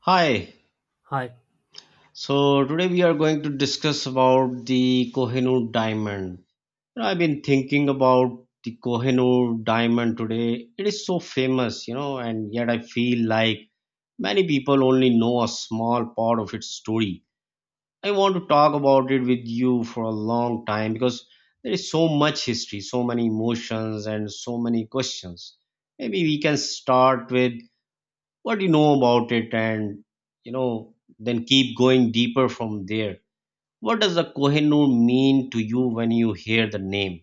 Hi. Hi. So today we are going to discuss about the Kohinoor diamond. You know, I've been thinking about the Kohinoor diamond today. It is so famous, and yet I feel like many people only know a small part of its story. I want to talk about it with you for a long time because there is so much history, so many emotions, and so many questions. Maybe we can start with what do you know about it, and then keep going deeper from there. What does the Kohinoor mean to you when you hear the name?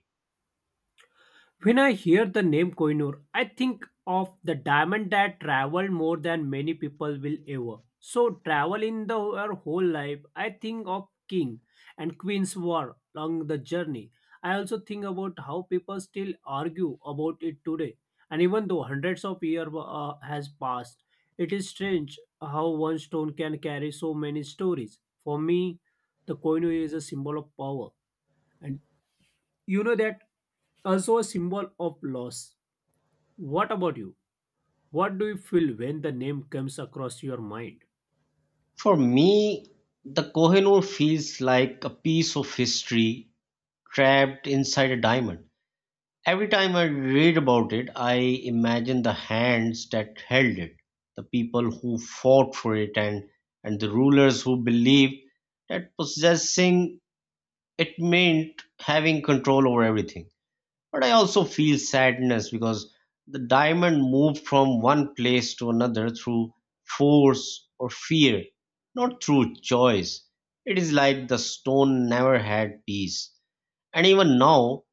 When I hear the name Kohinoor, I think of the diamond that traveled more than many people will ever. So travel in the her whole life, I think of king and queen's war along the journey. I also think about how people still argue about it today. And even though hundreds of years has passed, it is strange how one stone can carry so many stories. For me, the Kohinoor is a symbol of power. And you know that also a symbol of loss. What about you? What do you feel when the name comes across your mind? For me, the Kohinoor feels like a piece of history trapped inside a diamond. Every time I read about it, I imagine the hands that held it, the people who fought for it, and the rulers who believed that possessing it meant having control over everything. But I also feel sadness because the diamond moved from one place to another through force or fear, not through choice. It is like the stone never had peace. And even now,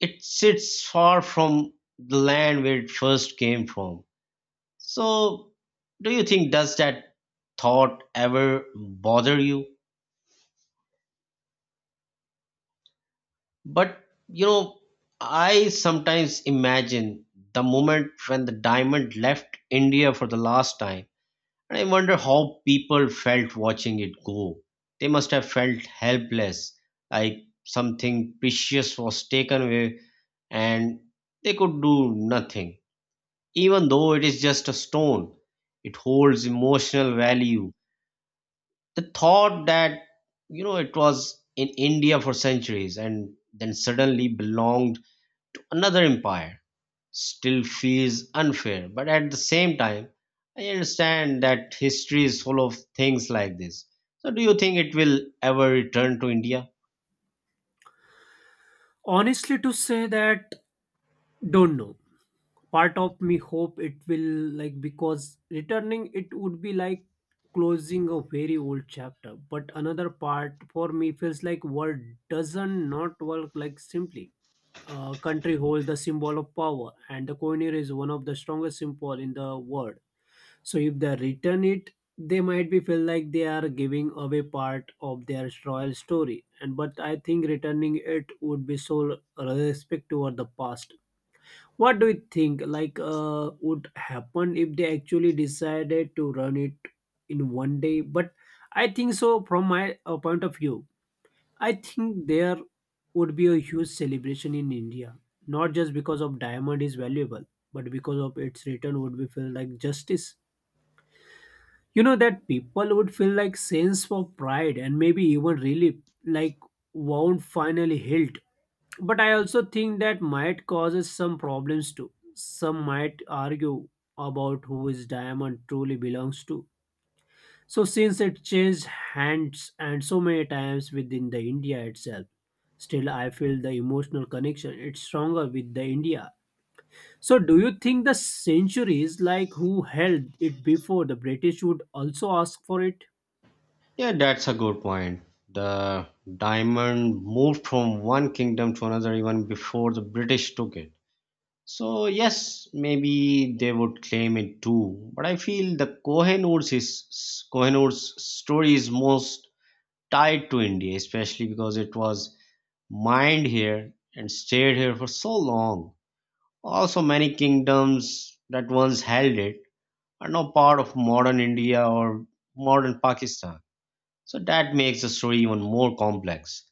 it sits far from the land where it first came from. So, do you think, does that thought ever bother you? But you know, I sometimes imagine the moment when the diamond left India for the last time, and I wonder how people felt watching it go. They must have felt helpless, like something precious was taken away and they could do nothing. Even though it is just a stone, it holds emotional value. The thought that, it was in India for centuries and then suddenly belonged another empire still feels unfair, but at the same time, I understand that history is full of things like this. So, do you think it will ever return to India? Honestly, to say that, don't know. Part of me hope it will like because returning it would be like closing a very old chapter. But another part for me feels like word doesn't not work like simply. A country holds the symbol of power, and the coiner is one of the strongest symbol in the world. So if they return it, they might be feel like they are giving away part of their royal story. And but I think returning it would be so respect toward the past. What do you think? Like, would happen if they actually decided to run it in one day? But I think so. From my point of view, I think there would be a huge celebration in India, not just because of diamond is valuable, but because of its return would be feel like justice. You know that people would feel like sense of pride and maybe even relief, like wound finally healed. But I also think that might causes some problems too. Some might argue about who his diamond truly belongs to. So since it changed hands and so many times within the India itself, still I feel the emotional connection it's stronger with the India. So do you think the centuries like who held it before the British would also ask for it? Yeah, that's a good point. The diamond moved from one kingdom to another even before the British took it. So, yes, maybe they would claim it too. But I feel the Kohinoor's story is most tied to India, especially because it was mined here and stayed here for so long. Also, many kingdoms that once held it are now part of modern India or modern Pakistan. So that makes the story even more complex.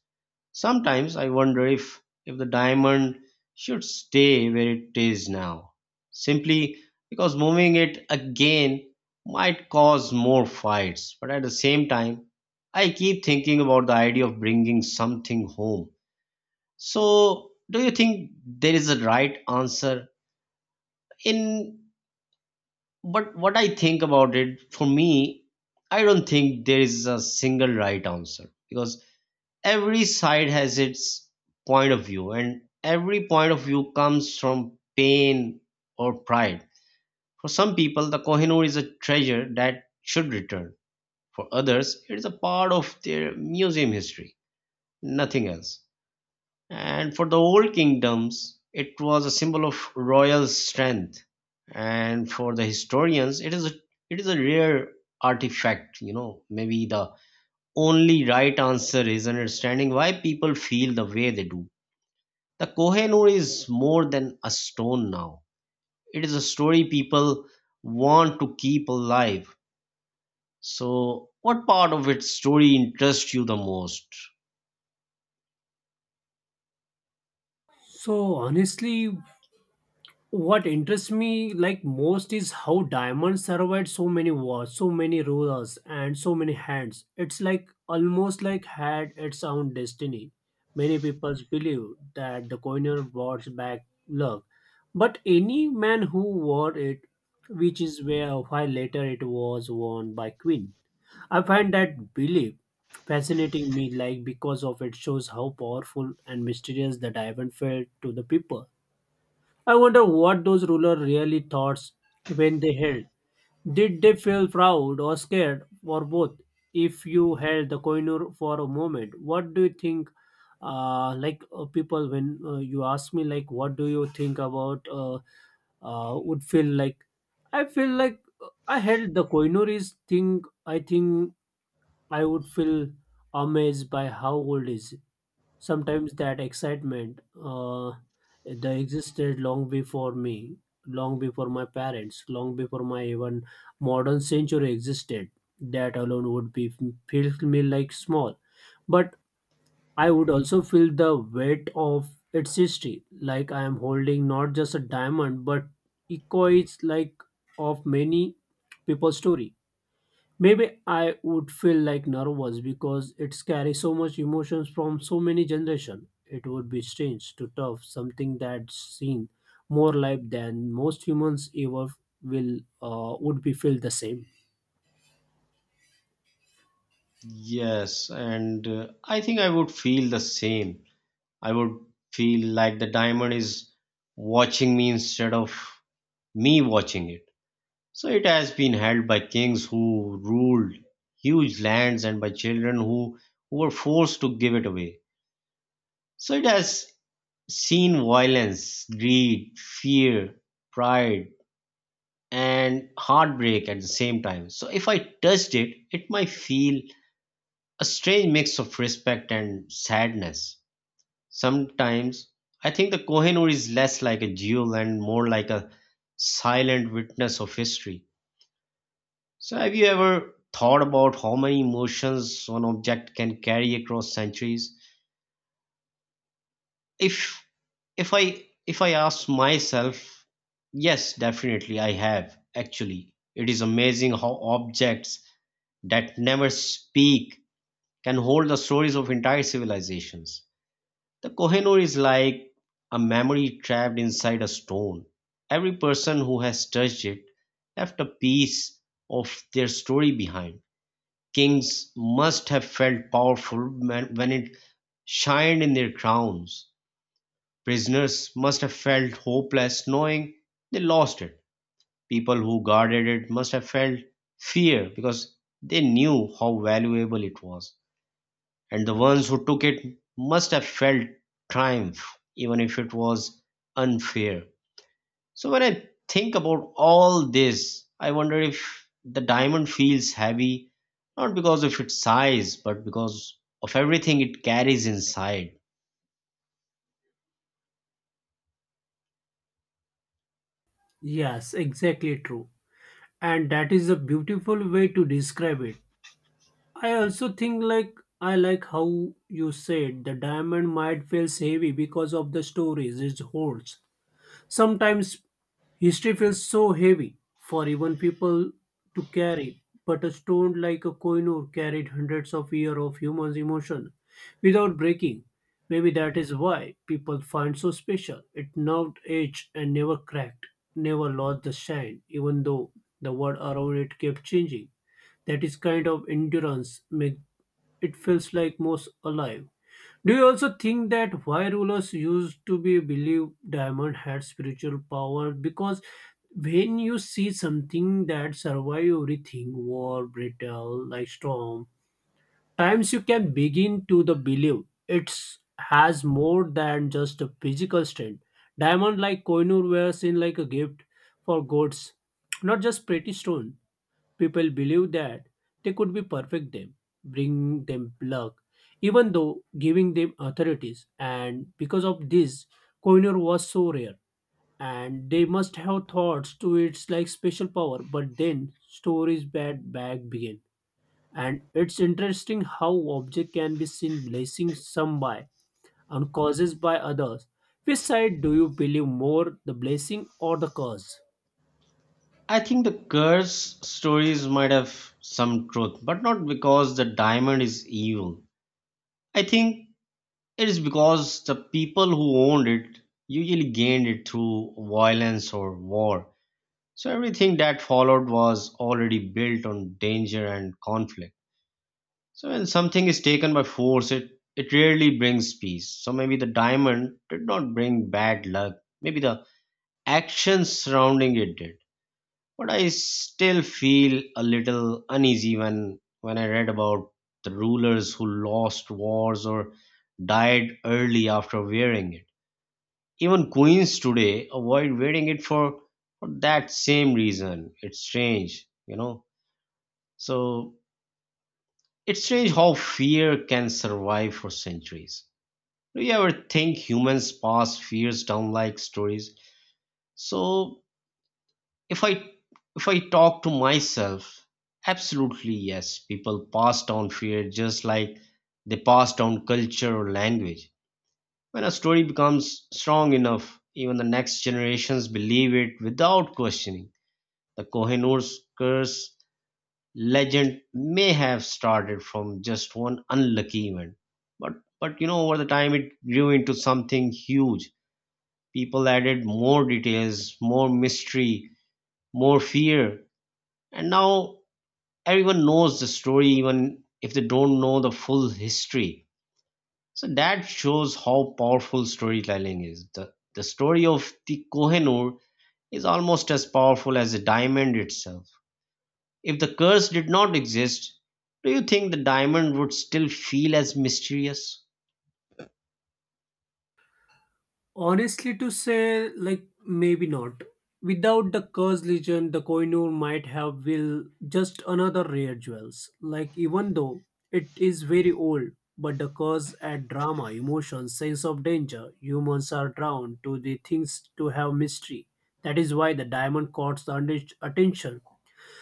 Sometimes I wonder if the diamond should stay where it is now, simply because moving it again might cause more fights. But at the same time, I keep thinking about the idea of bringing something home. So, do you think there is a right answer? In But what I think about it, for me, I don't think there is a single right answer because every side has its point of view, and every point of view comes from pain or pride. For some people, the Kohinoor is a treasure that should return. For others, it is a part of their museum history, nothing else. And for the old kingdoms, it was a symbol of royal strength. And for the historians, it is a rare artifact. You know, maybe the only right answer is understanding why people feel the way they do. The Kohinoor is more than a stone now. It is a story people want to keep alive. So, what part of its story interests you the most? So honestly, what interests me like most is how diamonds survived so many wars, so many rulers, and so many hands. It's like almost like had its own destiny. Many people believe that the coiner brought back luck, but any man who wore it, which is where while later it was worn by queen. I find that belief fascinating me like because of it shows how powerful and mysterious the diamond felt to the people. I wonder what those rulers really thought when they held. Did they feel proud or scared or both? If you held the koinur for a moment, what do you think? Like people, when you ask me, like, what do you think about? Would feel like I held the koinur is thing. I think I would feel amazed by how old is sometimes that excitement that existed long before me, long before my parents, long before my even modern century existed. That alone would be feel me like small. But I would also feel the weight of its history like I am holding not just a diamond but echoes like of many people's story. Maybe I would feel like nervous because it carries so much emotions from so many generation. It would be strange to tough something that's seen more life than most humans ever will. Would be feel the same. Yes, and I think I would feel the same. I would feel like the diamond is watching me instead of me watching it. So it has been held by kings who ruled huge lands and by who were forced to give it away. So it has seen violence, greed, fear, pride, and heartbreak at the same time. So if I touched it, it might feel a strange mix of respect and sadness. Sometimes I think the Kohinoor is less like a jewel and more like a silent witness of history. So, have you ever thought about how many emotions one object can carry across centuries? If if I ask myself, yes, definitely I have. Actually, it is amazing how objects that never speak can hold the stories of entire civilizations. The Kohinoor is like a memory trapped inside a stone. Every person who has touched it left a piece of their story behind. Kings must have felt powerful when it shined in their crowns. Prisoners must have felt hopeless knowing they lost it. People who guarded it must have felt fear because they knew how valuable it was, and the ones who took it must have felt triumph, even if it was unfair. So, when I think about all this, I wonder if the diamond feels heavy, not because of its size, but because of everything it carries inside. Yes, exactly true. And that is a beautiful way to describe it. I also think like I like how you said the diamond might feels heavy because of the stories it holds. Sometimes history feels so heavy for even people to carry, but a stone like a Koinur carried hundreds of years of human emotion without breaking. Maybe that is why people find so special. It nerved edge and never cracked, never lost the shine, even though the world around it kept changing. That is kind of endurance make it feels like most alive. Do you also think that why rulers used to be believed diamond had spiritual power? Because when you see something that survive everything, war, battle, like storm, times you can begin to the believe it's has more than just a physical strength. Diamond like Koinur were seen like a gift for gods, not just pretty stone. People believe that they could be perfect them, bring them luck, even though giving them authorities. And because of this, Koinur was so rare. And they must have thoughts to its like special power. But then stories bad bag begin. And it's interesting how object can be seen blessing some by and causes by others. Which side do you believe more, the blessing or the cause? I think the curse stories might have some truth, but not because the diamond is evil. I think it is because the people who owned it usually gained it through violence or war. So everything that followed was already built on danger and conflict. So when something is taken by force, it rarely brings peace. So maybe the diamond did not bring bad luck. Maybe the actions surrounding it did. But I still feel a little uneasy when I read about the rulers who lost wars or died early after wearing it. Even queens today avoid wearing it for that same reason. It's strange, you know. So it's strange how fear can survive for centuries. Do you ever think humans pass fears down like stories? So if I if I talk to myself, absolutely yes. People pass down fear just like they pass down culture or language. When a story becomes strong enough, even the next generations believe it without questioning. The Kohinoor's curse legend may have started from just one unlucky event, but over the time it grew into something huge. People added more details, more mystery, more fear, and now everyone knows the story even if they don't know the full history. So that shows how powerful storytelling is. The story of the Kohinoor is almost as powerful as the diamond itself. If the curse did not exist, do you think the diamond would still feel as mysterious? Honestly, to say, like, maybe not. Without the Curse Legion, the Koinur might have will just another rare jewels. Like, even though it is very old, but the Curse add drama, emotion, sense of danger. Humans are drawn to the things to have mystery. That is why the diamond caught the attention.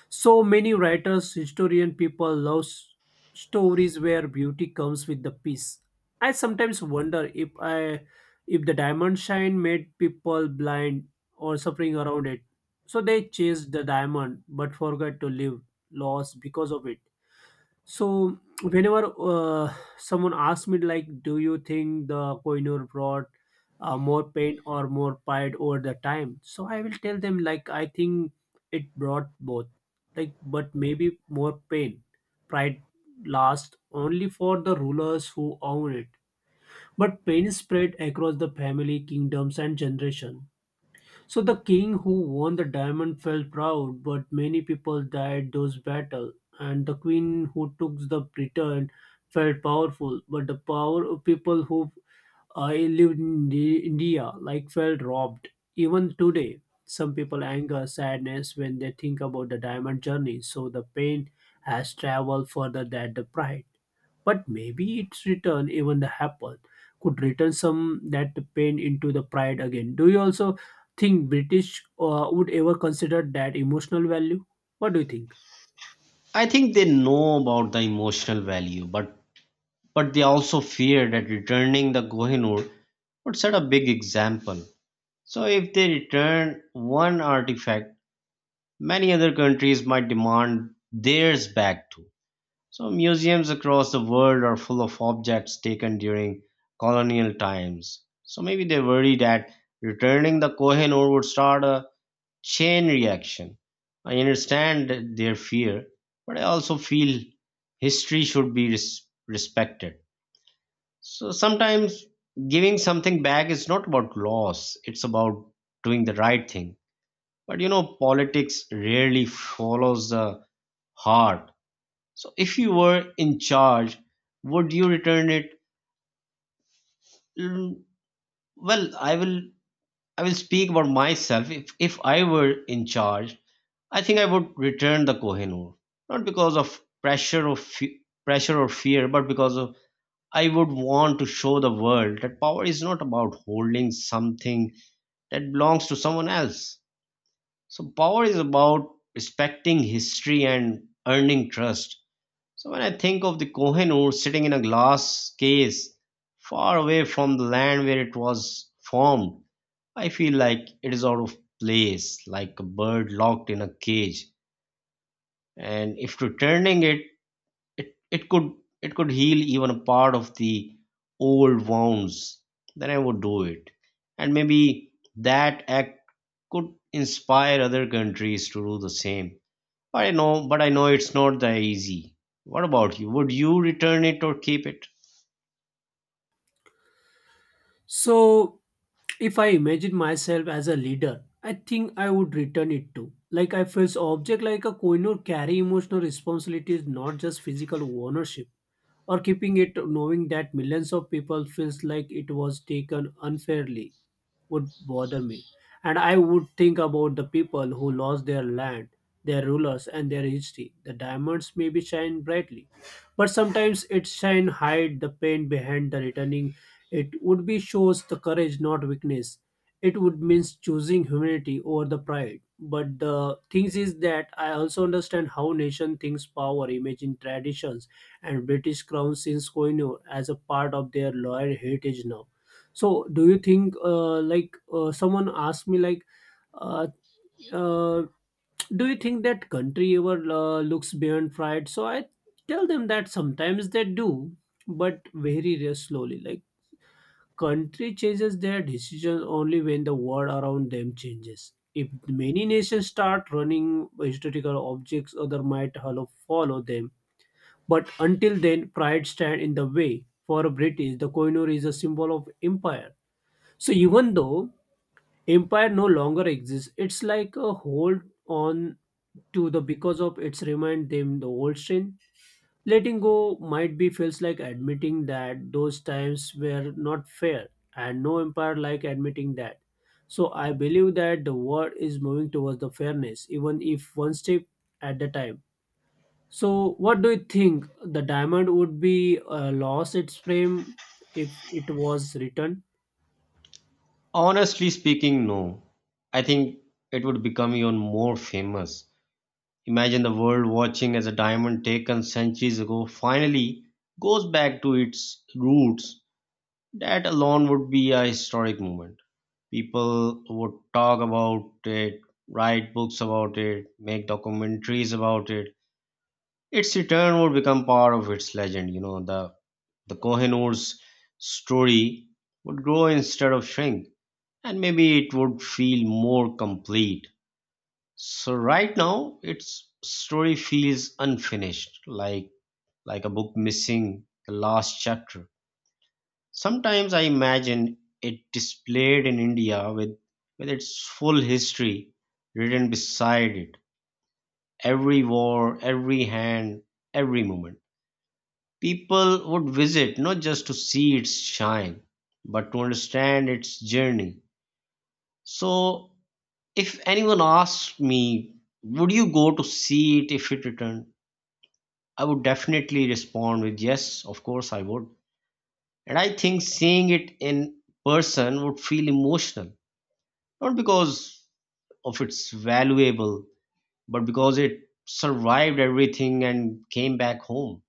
So many writers, historian people love stories where beauty comes with the peace. I sometimes wonder if I if the diamond shine made people blind or suffering around it. So they chased the diamond but forgot to live lost because of it. So whenever someone asks me like, do you think the Kohinoor brought more pain or more pride over the time? So I will tell them like I think it brought both, like but maybe more pain. Pride lasts only for the rulers who own it, but pain spread across the family, kingdoms, and generation. So the king who won the diamond felt proud, but many people died those battle, and the queen who took the Britain felt powerful, but the power of people who lived in India like felt robbed. Even today, some people anger sadness when they think about the diamond journey. So the pain has traveled further than the pride, but maybe its return even the happen could return some that pain into the pride again. Do you also think British would ever consider that emotional value? What do you think? I think they know about the emotional value, but they also fear that returning the Kohinoor would set a big example. So if they return one artifact, many other countries might demand theirs back too. So museums across the world are full of objects taken during colonial times. So maybe they worry that returning the Kohinoor would start a chain reaction. I understand their fear, but I also feel history should be respected. So sometimes giving something back is not about loss, it's about doing the right thing. But you know, politics rarely follows the heart. So if you were in charge, would you return it? Mm, Well, I will speak about myself. If I were in charge, I think I would return the Kohinoor, not because of pressure or fear, but because of I would want to show the world that power is not about holding something that belongs to someone else. So power is about respecting history and earning trust. So when I think of the Kohinoor sitting in a glass case far away from the land where it was formed, I feel like it is out of place, like a bird locked in a cage. And if returning it, it it could it could heal even a part of the old wounds, then I would do it. And maybe that act could inspire other countries to do the same. But I know it's not that easy. What about you? Would you return it or keep it? So, if I imagine myself as a leader, I think I would return it to. Like I feel so object like a coin or carry emotional responsibilities, not just physical ownership. Or keeping it knowing that millions of people feels like it was taken unfairly would bother me. And I would think about the people who lost their land, their rulers, and their history. The diamonds maybe shine brightly, but sometimes it shine hide the pain behind the returning. It would be shows the courage, not weakness. It would means choosing humanity over the pride. But the things is that I also understand how nation thinks power, imagine traditions, and British crown since colonial as a part of their loyal heritage now. So, do you think, like, someone asked me, like, uh, uh, do you think that country ever looks beyond pride? So I tell them that sometimes they do, but very rare slowly. Like, country changes their decisions only when the world around them changes. If many nations start running historical objects, other might follow them. But until then, pride stand in the way. For a British, the coinor is a symbol of empire. So even though empire no longer exists. It's like a hold on to the because of it's remind them the old strain. Letting go might be feels like admitting that those times were not fair, and no empire like admitting that. So I believe that the world is moving towards the fairness, even if one step at a time. So what do you think? The diamond would be lost its frame if it was returned. Honestly speaking, no, I think it would become even more famous. Imagine the world watching as a diamond taken centuries ago finally goes back to its roots. That alone would be a historic moment. People would talk about it, write books about it, make documentaries about it. Its return would become part of its legend. You know, the Kohinoor's story would grow instead of shrink, and maybe it would feel more complete. So right now, its story feels unfinished, like a book missing the last chapter. Sometimes I imagine it displayed in India with its full history written beside it. Every war, every hand, every moment. People would visit not just to see its shine, but to understand its journey. So if anyone asked me, would you go to see it if it returned? I would definitely respond with yes, of course I would. And I think seeing it in person would feel emotional, not because of its valuable, but because it survived everything and came back home.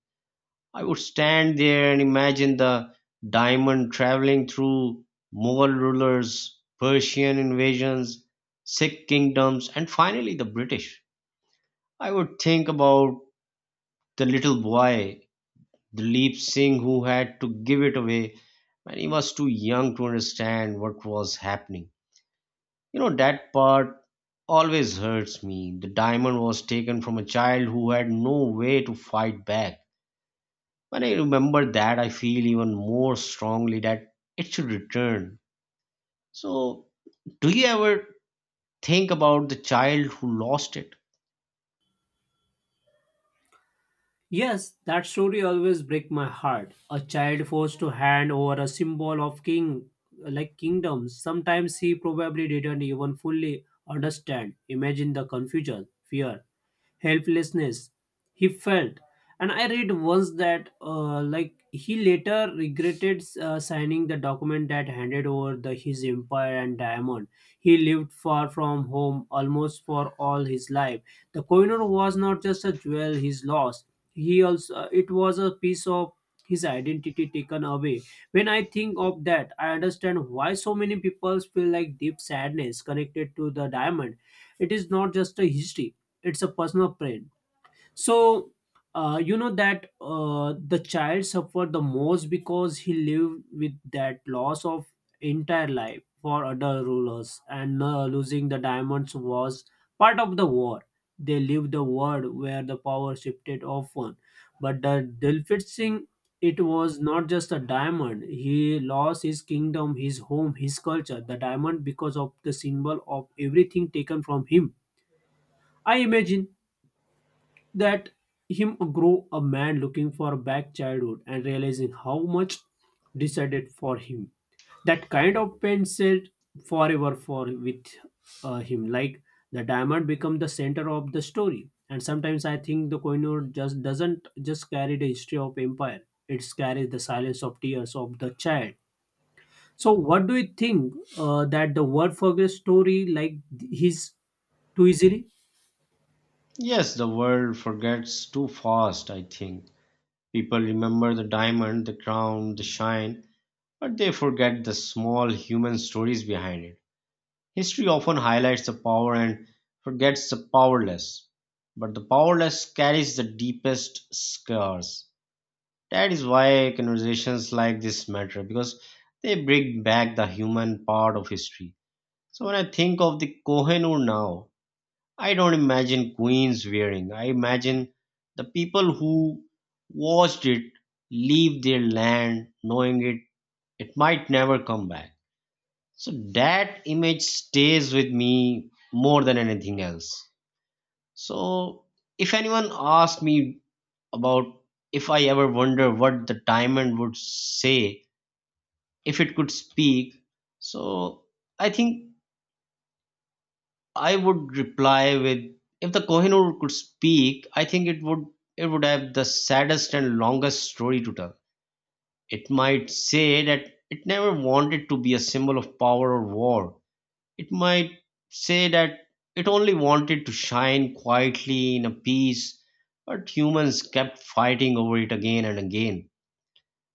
I would stand there and imagine the diamond traveling through Mughal rulers, Persian invasions, Sikh kingdoms, and finally the British. I would think about the little boy Dilip Singh, who had to give it away when he was too young to understand what was happening. You know, that part always hurts me. The diamond was taken from a child who had no way to fight back. When I remember that, I feel even more strongly that it should return. So, do you ever think about the child who lost it? Yes, that story always break my heart. A child forced to hand over a symbol of king like kingdoms. Sometimes he probably didn't even fully understand. Imagine the confusion, fear, helplessness he felt. And I read once that, like, he later regretted signing the document that handed over the, his empire and diamond. He lived far from home almost for all his life. The coiner was not just a jewel his lost. He also it was a piece of his identity taken away. When I think of that, I understand why so many people feel like deep sadness connected to the diamond. It is not just a history, it's a personal pain. So you know that the child suffered the most because he lived with that loss of entire life for other rulers, and losing the diamonds was part of the war. They lived the world where the power shifted often, but the Dilfit Singh, it was not just a diamond. He lost his kingdom, his home, his culture. The diamond because of the symbol of everything taken from him. I imagine that him grow a man looking for back childhood and realizing how much decided for him. That kind of pain said forever for with him, like the diamond become the center of the story. And sometimes I think the koinur just doesn't just carry the history of empire, it carries the silence of tears of the child. So what do you think, that the word forget story like his too easily? Yes, the world forgets too fast, I think. People remember the diamond, the crown, the shine, but they forget the small human stories behind it. History often highlights the power and forgets the powerless, but the powerless carries the deepest scars. That is why conversations like this matter because they bring back the human part of history. So when I think of the Kohinoor now, I don't imagine queens wearing. I imagine the people who watched it leave their land knowing it might never come back, so that image stays with me more than anything else. So if anyone asked me about if I ever wonder what the diamond would say if it could speak, so I think I would reply with if the Kohinoor could speak, I think it would have the saddest and longest story to tell. It might say that it never wanted to be a symbol of power or war. It might say that it only wanted to shine quietly in a piece, but humans kept fighting over it again and again.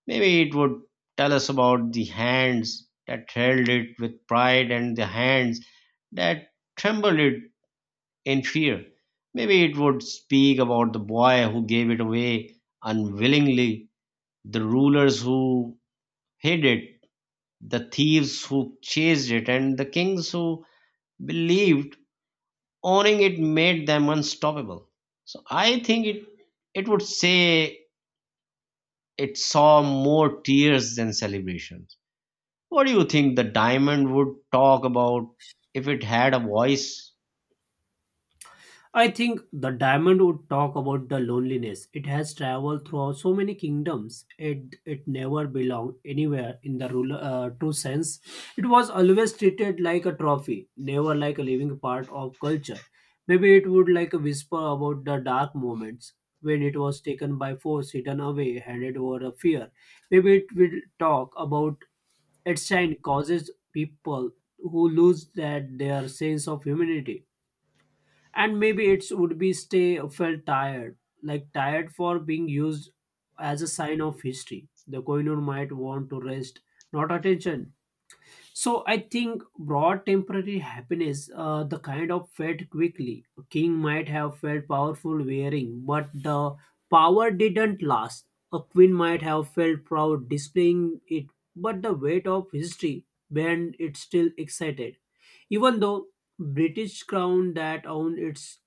Maybe it would tell us about the hands that held it with pride and the hands that trembled it in fear. Maybe it would speak about the boy who gave it away unwillingly, the rulers who hid it, the thieves who chased it, and the kings who believed owning it made them unstoppable. So I think it would say it saw more tears than celebrations. What do you think the diamond would talk about if it had a voice? I think the diamond would talk about the loneliness. It has traveled through so many kingdoms. It never belonged anywhere in the rule, true sense. It was always treated like a trophy, never like a living part of culture. Maybe it would like a whisper about the dark moments when it was taken by force, hidden away, handed over a fear. Maybe it will talk about its shine causes people who lose that their sense of humanity. And maybe it would be stay felt tired, like tired for being used as a sign of history. The koinur might want to rest, not attention. So I think broad temporary happiness, the kind of felt quickly. King might have felt powerful wearing, but the power didn't last. A queen might have felt proud displaying it, but the weight of history bent it still excited. Even though British crown that owned its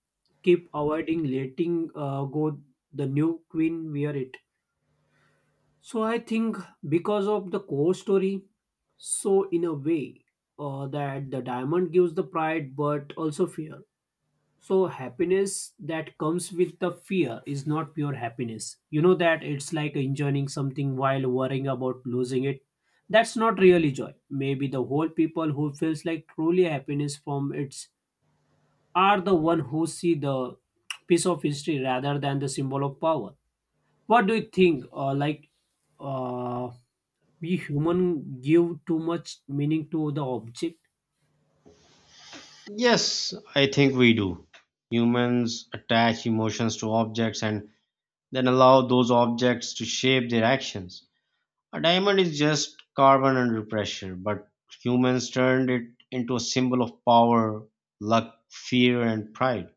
keep avoiding letting go the new queen wear it. So I think because of the core story, so in a way, that the diamond gives the pride but also fear. So happiness that comes with the fear is not pure happiness. You know that it's like enjoying something while worrying about losing it. That's not really joy. Maybe the whole people who feels like truly happiness from its are the one who see the piece of history rather than the symbol of power. What do you think? Like uh, we human give too much meaning to the object. Yes, I think we do. Humans attach emotions to objects and then allow those objects to shape their actions. A diamond is just carbon under pressure, but humans turned it into a symbol of power, luck, fear, and pride.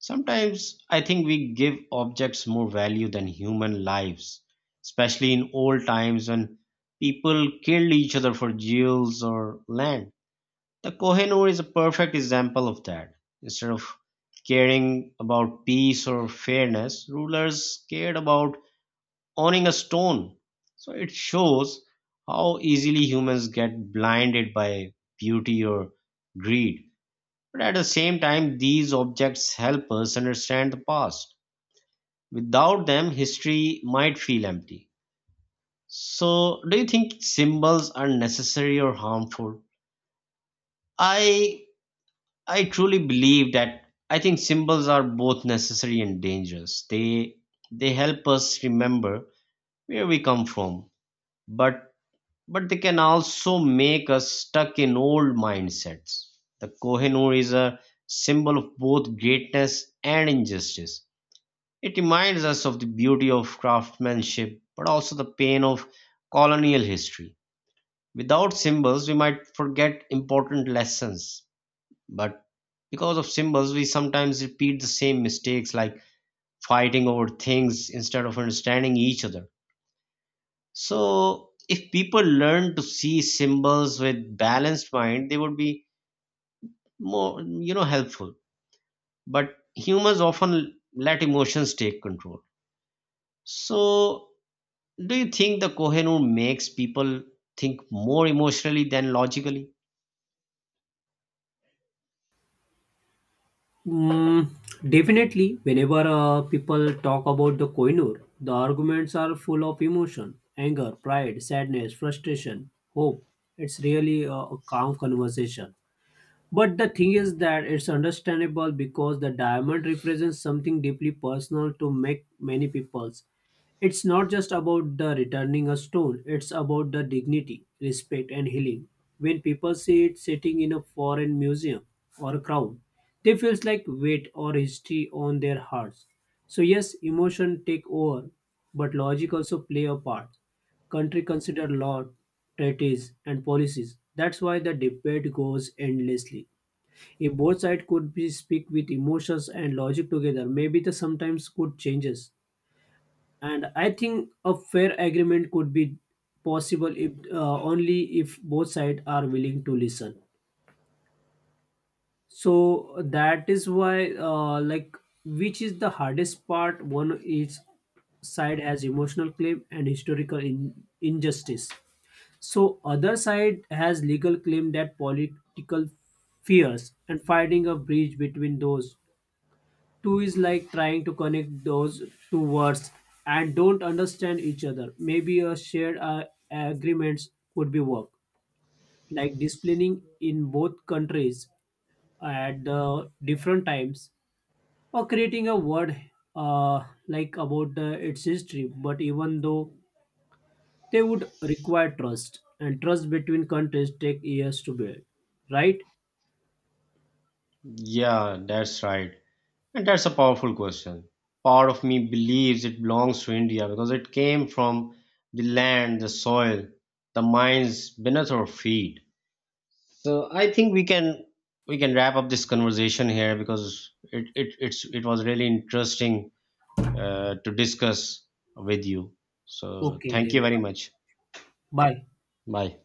Sometimes I think we give objects more value than human lives, especially in old times when people killed each other for jewels or land. The Kohinoor is a perfect example of that. Instead of caring about peace or fairness, rulers cared about owning a stone. So it shows how easily humans get blinded by beauty or greed. But at the same time, these objects help us understand the past. Without them, history might feel empty. So, do you think symbols are necessary or harmful? I I truly believe that I think symbols are both necessary and dangerous. They help us remember where we come from, but but they can also make us stuck in old mindsets. The Kohinoor is a symbol of both greatness and injustice. It reminds us of the beauty of craftsmanship, but also the pain of colonial history. Without symbols, we might forget important lessons, but because of symbols, we sometimes repeat the same mistakes like fighting over things instead of understanding each other. So, if people learn to see symbols with balanced mind, they would be more, you know, helpful. But humans often let emotions take control. So, do you think the Kohinoor makes people think more emotionally than logically? Mm, definitely whenever people talk about the koinur, the arguments are full of emotion, anger, pride, sadness, frustration, hope. It's really a calm conversation. But the thing is that it's understandable because the diamond represents something deeply personal to make many peoples. It's not just about the returning a stone, it's about the dignity, respect, and healing. When people see it sitting in a foreign museum or a crown, they feels like weight or history on their hearts. So yes, emotion take over, but logic also play a part. Country consider law, treaties, and policies. That's why the debate goes endlessly. If both sides could be speak with emotions and logic together, maybe the sometimes could changes, and I think a fair agreement could be possible if, only if both sides are willing to listen. So that is why, which is the hardest part. One each side has emotional claim and historical injustice, so other side has legal claim that political fears, and finding a bridge between those two is like trying to connect those two words and don't understand each other. Maybe a shared agreements could be work, like disciplining in both countries at the different times, or creating a word like about its history. But even though, they would require trust, and trust between countries take years to build, right? Yeah, that's right. And that's a powerful question. Part of me believes it belongs to India because it came from the land, the soil, the mines beneath our feet. So I think we can wrap up this conversation here because it was really interesting to discuss with you. So Okay thank you then, very much. bye. Bye.